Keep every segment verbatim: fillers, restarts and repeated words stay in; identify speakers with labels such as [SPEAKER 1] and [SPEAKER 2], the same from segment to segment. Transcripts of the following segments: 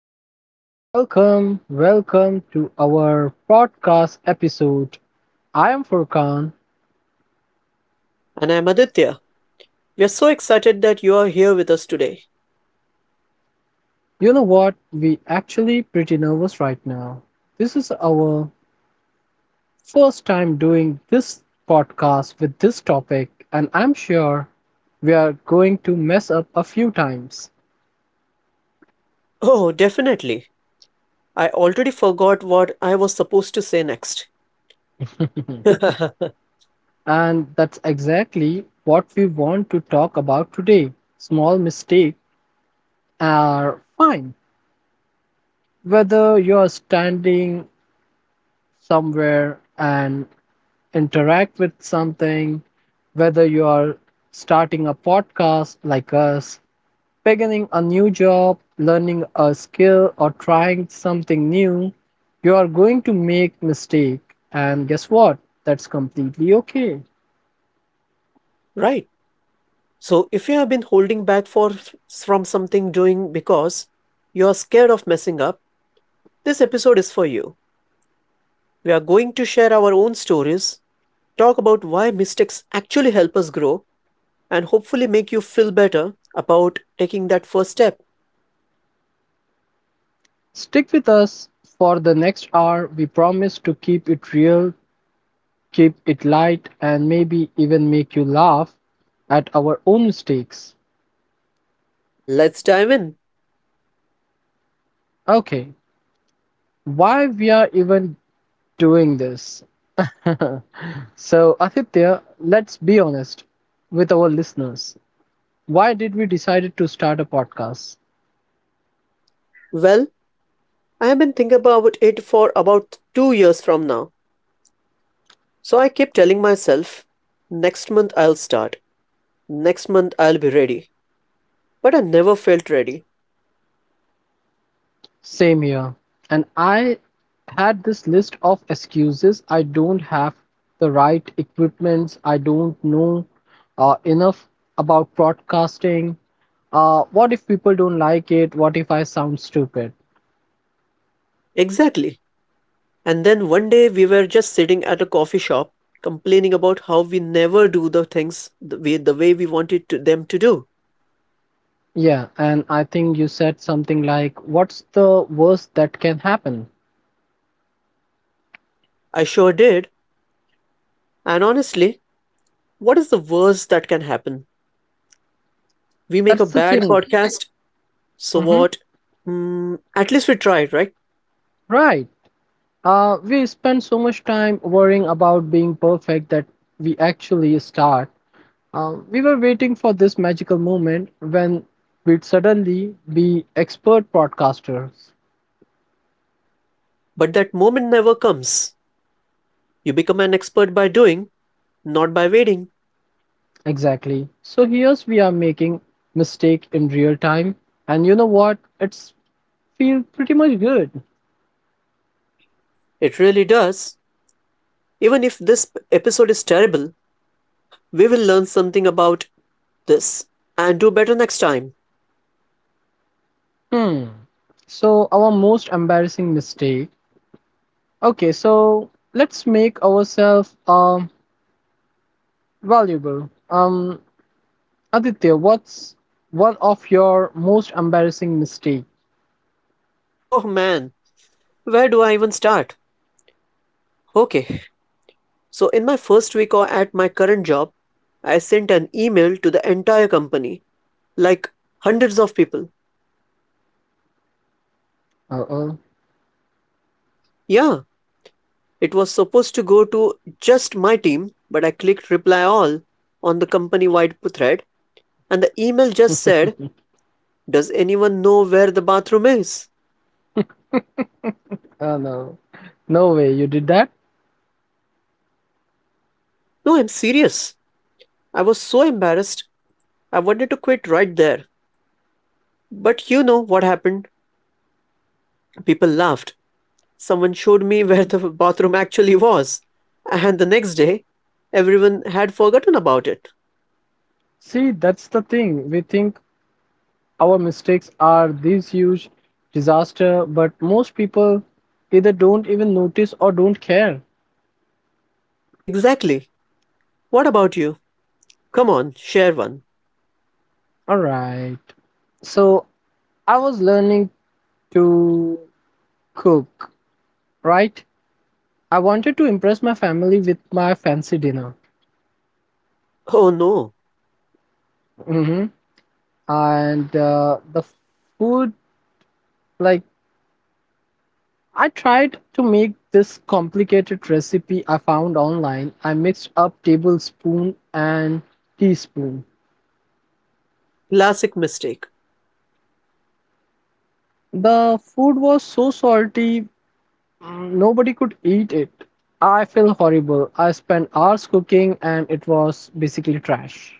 [SPEAKER 1] Welcome, welcome, welcome to our podcast episode. I am Furkan.
[SPEAKER 2] And I'm Aditya. We are so excited that you are here with us today.
[SPEAKER 1] You know what? We actually pretty nervous right now. This is our first time doing this podcast with this topic, and I'm sure we are going to mess up a few times.
[SPEAKER 2] Oh, definitely. I already forgot what I was supposed to say next.
[SPEAKER 1] And that's exactly what we want to talk about today. Small mistakes are fine. Whether you're standing somewhere and interact with something, whether you are starting a podcast like us, beginning a new job, learning a skill, or trying something new, you are going to make mistake and guess what, that's completely okay.
[SPEAKER 2] Right. So, if you have been holding back for from something doing because you are scared of messing up, this episode is for you. We are going to share our own stories, talk about why mistakes actually help us grow, and hopefully make you feel better about taking that first step.
[SPEAKER 1] Stick with us for the next hour. We promise to keep it real, keep it light and maybe even make you laugh at our own mistakes.
[SPEAKER 2] Let's dive in.
[SPEAKER 1] Okay, why we are even doing this? so, Aditya, let's be honest with our listeners. Why did we decide to start a podcast?
[SPEAKER 2] Well, I have been thinking about it for about two years from now. So I keep telling myself, next month I'll start. Next month I'll be ready. But I never felt ready.
[SPEAKER 1] Same here. And I had this list of excuses. I don't have the right equipments. I don't know uh, enough about broadcasting. Uh, what if people don't like it? What if I sound stupid?
[SPEAKER 2] Exactly. And then one day we were just sitting at a coffee shop complaining about how we never do the things the way, the way we wanted to, them to do.
[SPEAKER 1] Yeah, and I think you said something like, what's the worst that can happen?
[SPEAKER 2] I sure did. And honestly, what is the worst that can happen? We make a
[SPEAKER 1] That's the
[SPEAKER 2] bad
[SPEAKER 1] thing.
[SPEAKER 2] podcast. So
[SPEAKER 1] Mm-hmm.
[SPEAKER 2] what? Hmm, at least we tried, right?
[SPEAKER 1] Right. Uh, we spend so much time worrying about being perfect that we actually start. Uh, we were waiting for this magical moment when we'd suddenly be expert podcasters.
[SPEAKER 2] But that moment never comes. You become an expert by doing, not by waiting.
[SPEAKER 1] Exactly. So here's we are making mistake in real time, and you know what? It's feel pretty much good.
[SPEAKER 2] It really does. Even if this episode is terrible, we will learn something about this and do better next time.
[SPEAKER 1] Hmm. So our most embarrassing mistake. Okay, so let's make ourselves um valuable. Um Aditya, what's one of your most embarrassing mistake?
[SPEAKER 2] Oh man, where do I even start? Okay, so in my first week or at my current job, I sent an email to the entire company, like hundreds of people.
[SPEAKER 1] Uh oh.
[SPEAKER 2] Yeah, it was supposed to go to just my team, but I clicked reply all on the company wide thread, and the email just said, Does anyone know where the bathroom is?
[SPEAKER 1] Oh no. No way you did that?
[SPEAKER 2] No, I'm serious. I was so embarrassed. I wanted to quit right there. But you know what happened? People laughed. Someone showed me where the bathroom actually was. And the next day, everyone had forgotten about it.
[SPEAKER 1] See, that's the thing. We think our mistakes are these huge disaster, but most people either don't even notice or don't care.
[SPEAKER 2] Exactly. What about you? Come on, share one.
[SPEAKER 1] Alright. So I was learning to cook, right? I wanted to impress my family with my fancy dinner.
[SPEAKER 2] Oh no.
[SPEAKER 1] hmm And uh, the food, like I tried to make this complicated recipe I found online. I mixed up tablespoon and teaspoon.
[SPEAKER 2] Classic mistake.
[SPEAKER 1] The food was so salty, mm, nobody could eat it. I feel horrible. I spent hours cooking and it was basically trash.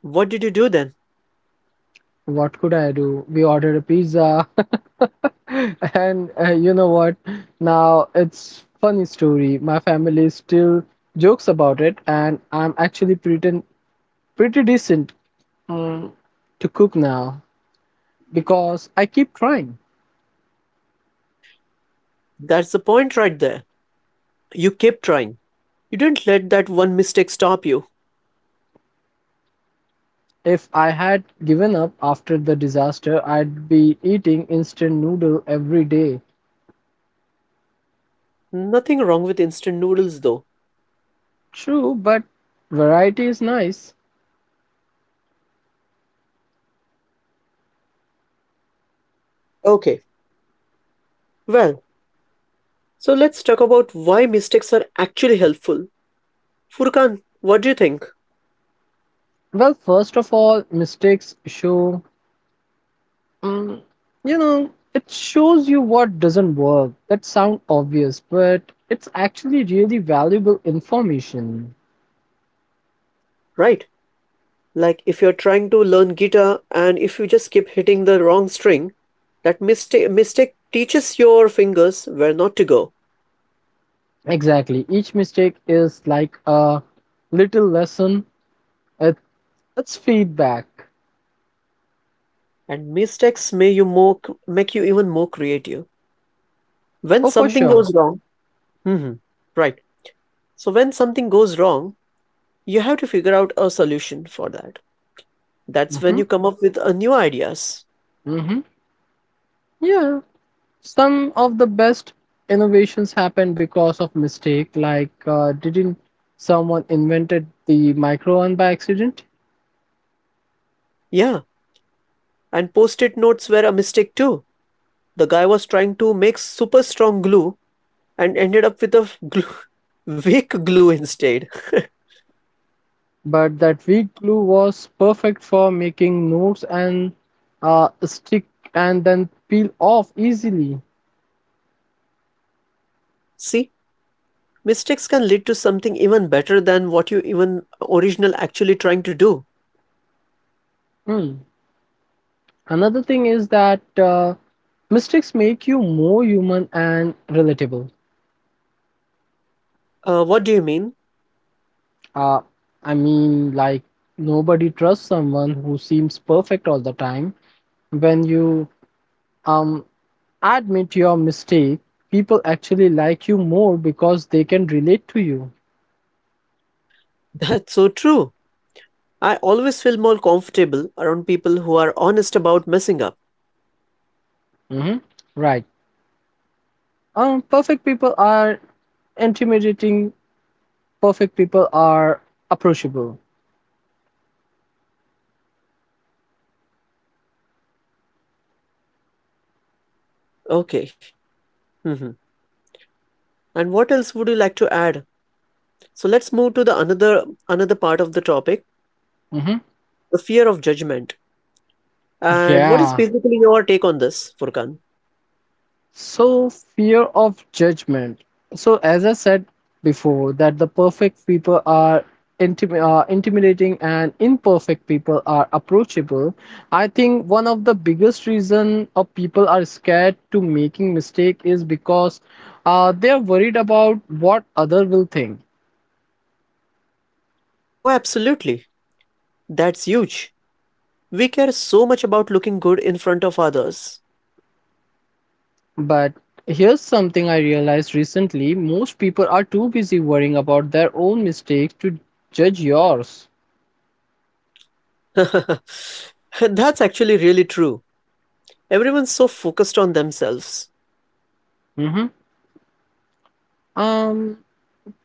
[SPEAKER 2] What did you do then?
[SPEAKER 1] What could I do? We ordered a pizza. and uh, you know what? Now it's funny story. My family still jokes about it and I'm actually pretty pretty decent mm, to cook now because I keep trying.
[SPEAKER 2] That's the point right there. You kept trying. You didn't let that one mistake stop you.
[SPEAKER 1] If I had given up after the disaster, I'd be eating instant noodle every day.
[SPEAKER 2] Nothing wrong with instant noodles though.
[SPEAKER 1] True, but variety is nice.
[SPEAKER 2] Okay, well, so let's talk about why mistakes are actually helpful. Furkan, what do you think?
[SPEAKER 1] Well, first of all, mistakes show, mm, you know, it shows you what doesn't work. That sounds obvious, but it's actually really valuable information.
[SPEAKER 2] Right? Like, if you're trying to learn guitar and if you just keep hitting the wrong string, that mistake mistake teaches your fingers where not to go.
[SPEAKER 1] Exactly. Each mistake is like a little lesson. It, it's feedback.
[SPEAKER 2] And mistakes may you more c- make you even more creative. When
[SPEAKER 1] Oh, for
[SPEAKER 2] something
[SPEAKER 1] sure.
[SPEAKER 2] goes wrong, hmm, right. So when something goes wrong, you have to figure out a solution for that. That's when
[SPEAKER 1] hmm
[SPEAKER 2] you come up with uh, new ideas.
[SPEAKER 1] hmm Yeah. Some of the best innovations happen because of mistake. Like, uh, didn't someone invented the micro one by accident?
[SPEAKER 2] Yeah. And post it notes were a mistake too. The guy was trying to make super strong glue and ended up with a glue, weak glue instead.
[SPEAKER 1] But that weak glue was perfect for making notes and uh, stick and then peel off easily.
[SPEAKER 2] See, mistakes can lead to something even better than what you even original actually trying to do.
[SPEAKER 1] Hmm. Another thing is that uh, mistakes make you more human and relatable.
[SPEAKER 2] Uh, what do you mean?
[SPEAKER 1] Uh, I mean, like, nobody trusts someone who seems perfect all the time. When you um, admit your mistake, people actually like you more because they can relate to you.
[SPEAKER 2] That's so true. I always feel more comfortable around people who are honest about messing up.
[SPEAKER 1] hmm Right. Um, perfect people are intimidating, perfect people are approachable.
[SPEAKER 2] Okay. Mhm. And what else would you like to add? So let's move to the another another part of the topic,
[SPEAKER 1] hmm
[SPEAKER 2] the fear of judgment. And what is
[SPEAKER 1] Yeah.
[SPEAKER 2] basically your take on this, Furkan?
[SPEAKER 1] So fear of judgment. So as I said before, that the perfect people are intim- uh, intimidating and imperfect people are approachable. I think one of the biggest reason of people are scared to making mistake is because uh, they are worried about what other will think.
[SPEAKER 2] Oh, absolutely. That's huge. We care so much about looking good in front of others.
[SPEAKER 1] But here's something I realized recently: most people are too busy worrying about their own mistakes to judge yours.
[SPEAKER 2] That's actually really true. Everyone's so focused on themselves.
[SPEAKER 1] hmm um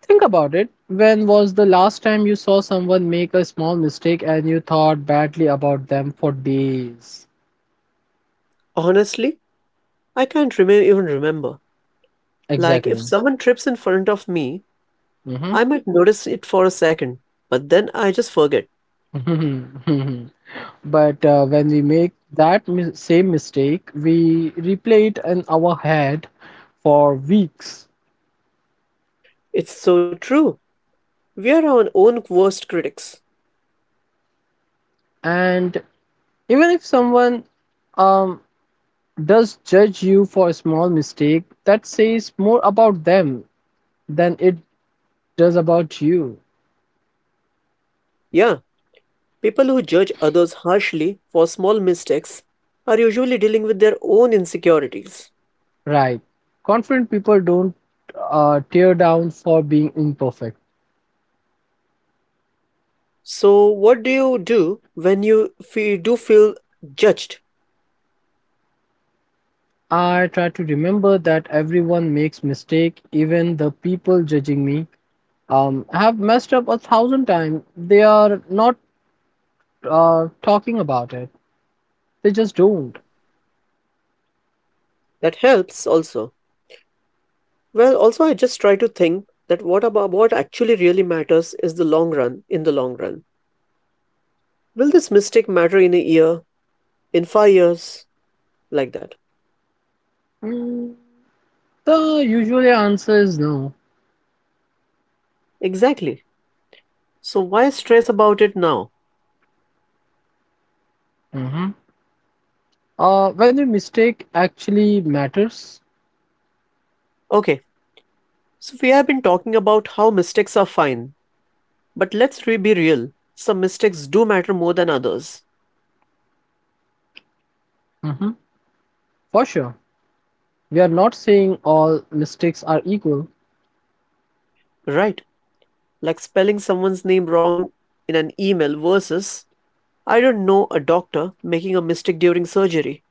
[SPEAKER 1] Think about it. When was the last time you saw someone make a small mistake and you thought badly about them for days?
[SPEAKER 2] Honestly, I can't rem- even remember. Like, if
[SPEAKER 1] Exactly.
[SPEAKER 2] someone trips in front of me,
[SPEAKER 1] hmm
[SPEAKER 2] I might notice it for a second, but then I just forget.
[SPEAKER 1] but uh, when we make that mi- same mistake, we replay it in our head for weeks.
[SPEAKER 2] It's so true. We are our own worst critics.
[SPEAKER 1] And even if someone um, does judge you for a small mistake, that says more about them than it does about you.
[SPEAKER 2] Yeah, people who judge others harshly for small mistakes are usually dealing with their own insecurities.
[SPEAKER 1] Right. Confident people don't uh, tear down for being imperfect.
[SPEAKER 2] So, what do you do when you fe do feel judged?
[SPEAKER 1] I try to remember that everyone makes mistake, even the people judging me um, have messed up a thousand times. They are not uh, talking about it. They just don't.
[SPEAKER 2] That helps also. Well, also I just try to think that what about what actually really matters is the long run, in the long run. Will this mistake matter in a year, in five years, like that?
[SPEAKER 1] Mm, the usual answer is no.
[SPEAKER 2] Exactly. So why stress about it now?
[SPEAKER 1] Mhm. Uh, when the mistake actually matters,
[SPEAKER 2] Okay. So we have been talking about how mistakes are fine, but let's re be real. Some mistakes do matter more than others,
[SPEAKER 1] mhm, for sure. We are not saying all mistakes are equal.
[SPEAKER 2] right? Like spelling someone's name wrong in an email versus I don't know a doctor making a mistake during surgery.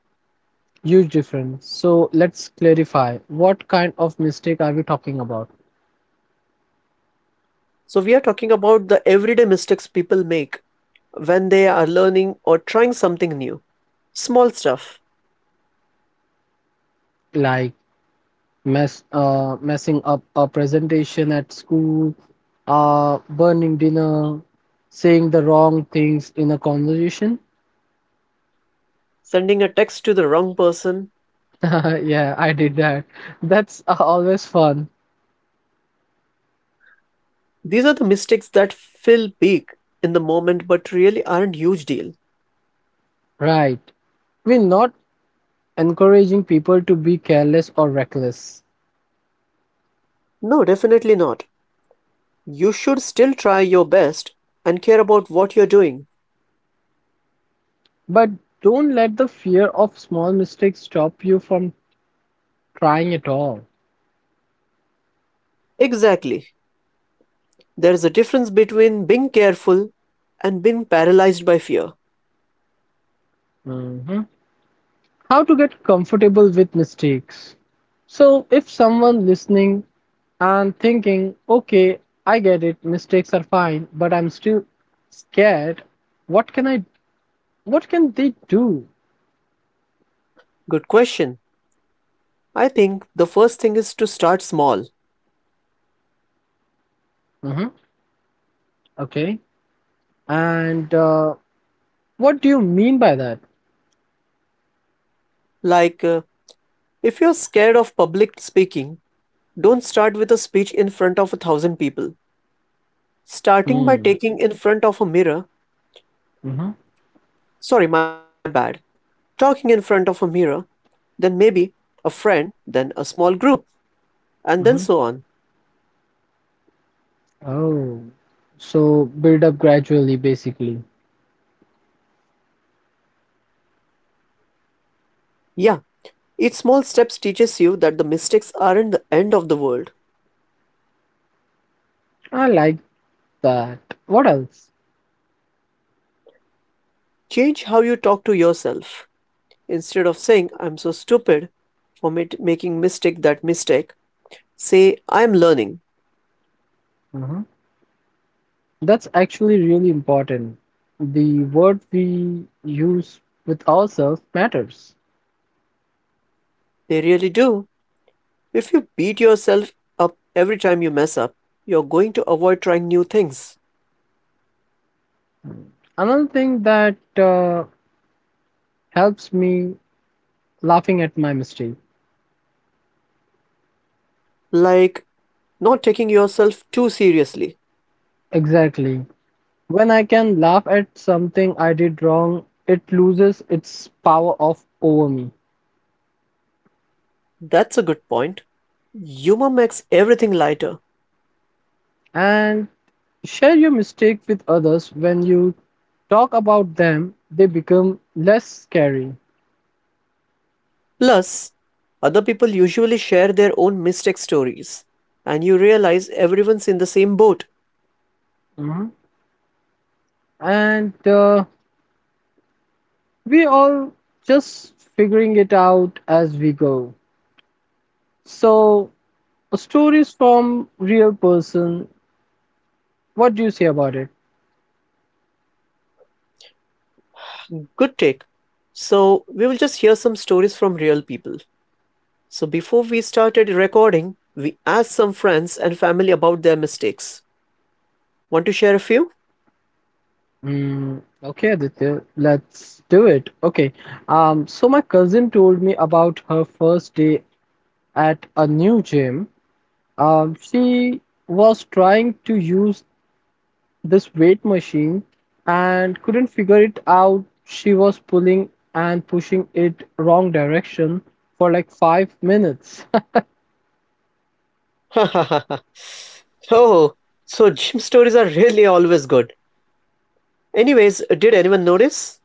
[SPEAKER 1] Huge difference. So let's clarify what kind of mistake are we talking about?
[SPEAKER 2] So, we are talking about the everyday mistakes people make when they are learning or trying something new. Small stuff,
[SPEAKER 1] Like mess, uh, messing up a presentation at school, uh, burning dinner, saying the wrong things in a conversation.
[SPEAKER 2] sending a text to the wrong person.
[SPEAKER 1] yeah, I did that. That's uh, always fun.
[SPEAKER 2] These are the mistakes that feel big in the moment but really aren't huge deal.
[SPEAKER 1] Right. We're not encouraging people to be careless or reckless,
[SPEAKER 2] No, definitely not. You should still try your best and care about what you're doing.
[SPEAKER 1] but don't let the fear of small mistakes stop you from trying at all.
[SPEAKER 2] Exactly. There is a difference between being careful and being paralyzed by fear.
[SPEAKER 1] Mhm. How to get comfortable with mistakes. So, if someone listening and thinking, okay, I get it, mistakes are fine, but I'm still scared, what can I, what can they do?
[SPEAKER 2] Good question. I think the first thing is to start small.
[SPEAKER 1] Hmm. Okay. And uh, what do you mean by that?
[SPEAKER 2] Like, uh, if you're scared of public speaking, don't start with a speech in front of a thousand people. Starting by
[SPEAKER 1] Hmm.
[SPEAKER 2] taking in front of a mirror,
[SPEAKER 1] hmm
[SPEAKER 2] sorry, my bad, Talking in front of a mirror, then maybe a friend, then a small group, and then
[SPEAKER 1] hmm
[SPEAKER 2] so on.
[SPEAKER 1] Oh, so build up gradually, basically.
[SPEAKER 2] Yeah, each small steps teaches you that the mistakes aren't the end of the world.
[SPEAKER 1] I like that. What else?
[SPEAKER 2] Change how you talk to yourself. Instead of saying, I'm so stupid for mit- making mistake that mistake, say, I'm learning.
[SPEAKER 1] Mhm. That's actually really important. The word we use with ourselves matters.
[SPEAKER 2] They really do. If you beat yourself up every time you mess up, you're going to avoid trying new things.
[SPEAKER 1] Another thing that uh, helps me laughing at my mistake.
[SPEAKER 2] Like not taking yourself too seriously.
[SPEAKER 1] Exactly. When I can laugh at something I did wrong, it loses its power of over me.
[SPEAKER 2] That's a good point. Humor makes everything lighter.
[SPEAKER 1] And share your mistake with others when you talk about them, they become less scary.
[SPEAKER 2] Plus, other people usually share their own mistake stories, and you realize everyone's in the same boat.
[SPEAKER 1] Mhm. And uh, we all just figuring it out as we go. So, stories from real person. What do you say about it?
[SPEAKER 2] Good take. So, we will just hear some stories from real people. So before we started recording, we asked some friends and family about their mistakes. Want to share a few?
[SPEAKER 1] Mm, okay, Aditya, let's do it. Okay. Um, so my cousin told me about her first day at a new gym. Um, she was trying to use this weight machine and couldn't figure it out. She was pulling and pushing it wrong direction for like five minutes.
[SPEAKER 2] Oh, so gym stories are really always good. Anyways, did anyone notice?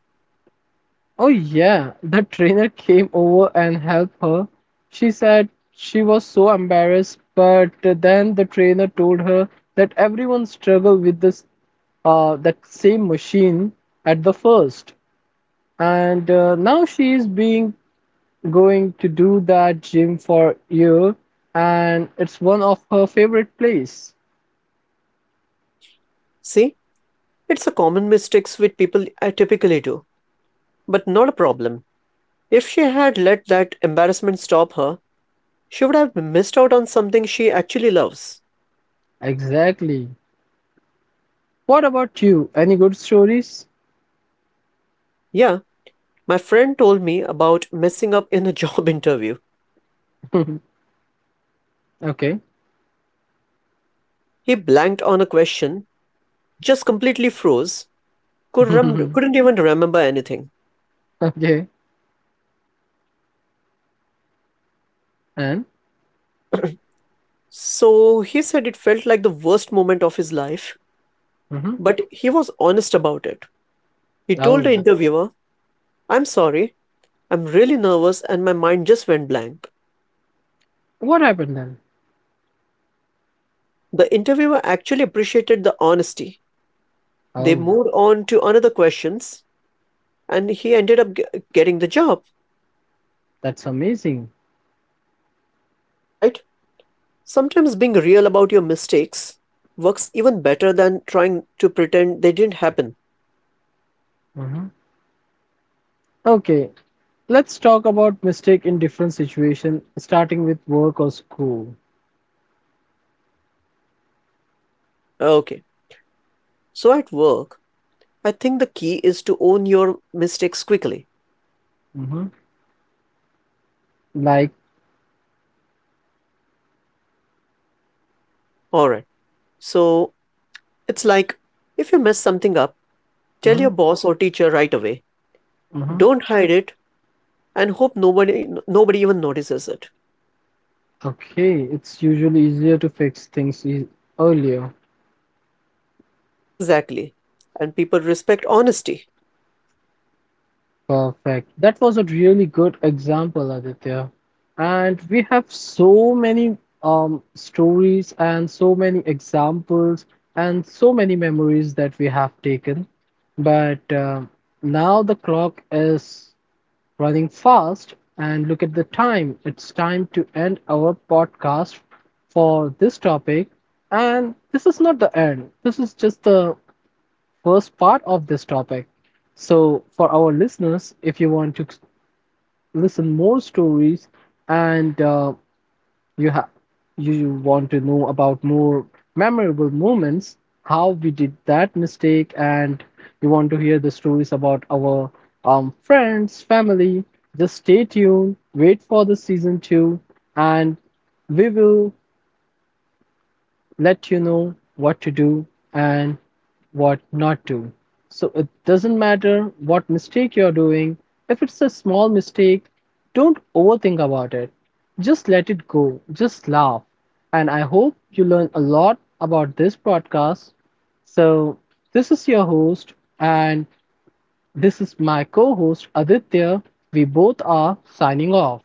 [SPEAKER 1] Oh, yeah, the trainer came over and helped her. She said she was so embarrassed, but then the trainer told her that everyone struggled with this uh, that same machine at the first. And uh, now she is being going to do that gym for year and it's one of her favorite place.
[SPEAKER 2] See, it's a common mistakes which people I typically do, but not a problem. If she had let that embarrassment stop her, she would have missed out on something she actually loves.
[SPEAKER 1] Exactly. What about you? Any good stories?
[SPEAKER 2] Yeah, my friend told me about messing up in a job interview.
[SPEAKER 1] okay.
[SPEAKER 2] He blanked on a question just completely froze, could rem- couldn't even remember anything.
[SPEAKER 1] okay. And?
[SPEAKER 2] So he said it felt like the worst moment of his life,
[SPEAKER 1] hmm
[SPEAKER 2] but he was honest about it. He told the
[SPEAKER 1] Oh.
[SPEAKER 2] interviewer, I'm sorry, I'm really nervous and my mind just went blank.
[SPEAKER 1] What happened then?
[SPEAKER 2] The interviewer actually appreciated the honesty. They
[SPEAKER 1] Oh,
[SPEAKER 2] moved on to another questions and he ended up g- getting the job,
[SPEAKER 1] that's amazing.
[SPEAKER 2] right? Sometimes being real about your mistakes works even better than trying to pretend they didn't happen.
[SPEAKER 1] Mhm. Okay, let's talk about mistake in different situation, starting with work or school.
[SPEAKER 2] Okay. So at work, I think the key is to own your mistakes quickly.
[SPEAKER 1] Mhm. Like,
[SPEAKER 2] Alright, so it's like if you mess something up, tell your
[SPEAKER 1] mhm,
[SPEAKER 2] boss or teacher right away.
[SPEAKER 1] mhm,
[SPEAKER 2] Don't hide it and hope nobody nobody even notices it.
[SPEAKER 1] okay, it's usually easier to fix things e- earlier.
[SPEAKER 2] Exactly. And people respect honesty.
[SPEAKER 1] Perfect. That was a really good example, Aditya. And we have so many um, stories and so many examples and so many memories that we have taken. But um now the clock is running fast, and look at the time. It's time to end our podcast for this topic. And this is not the end, this is just the first part of this topic. So, for our listeners, if you want to listen more stories and uh, you have you want to know about more memorable moments, how we did that mistake, and you want to hear the stories about our um, friends, family, just stay tuned, wait for the season two, and we will let you know what to do and what not to. So it doesn't matter what mistake you're doing, if it's a small mistake, don't overthink about it. Just let it go, just laugh. And I hope you learn a lot about this podcast. So, this is your host, and this is my co host Aditya. We both are signing off.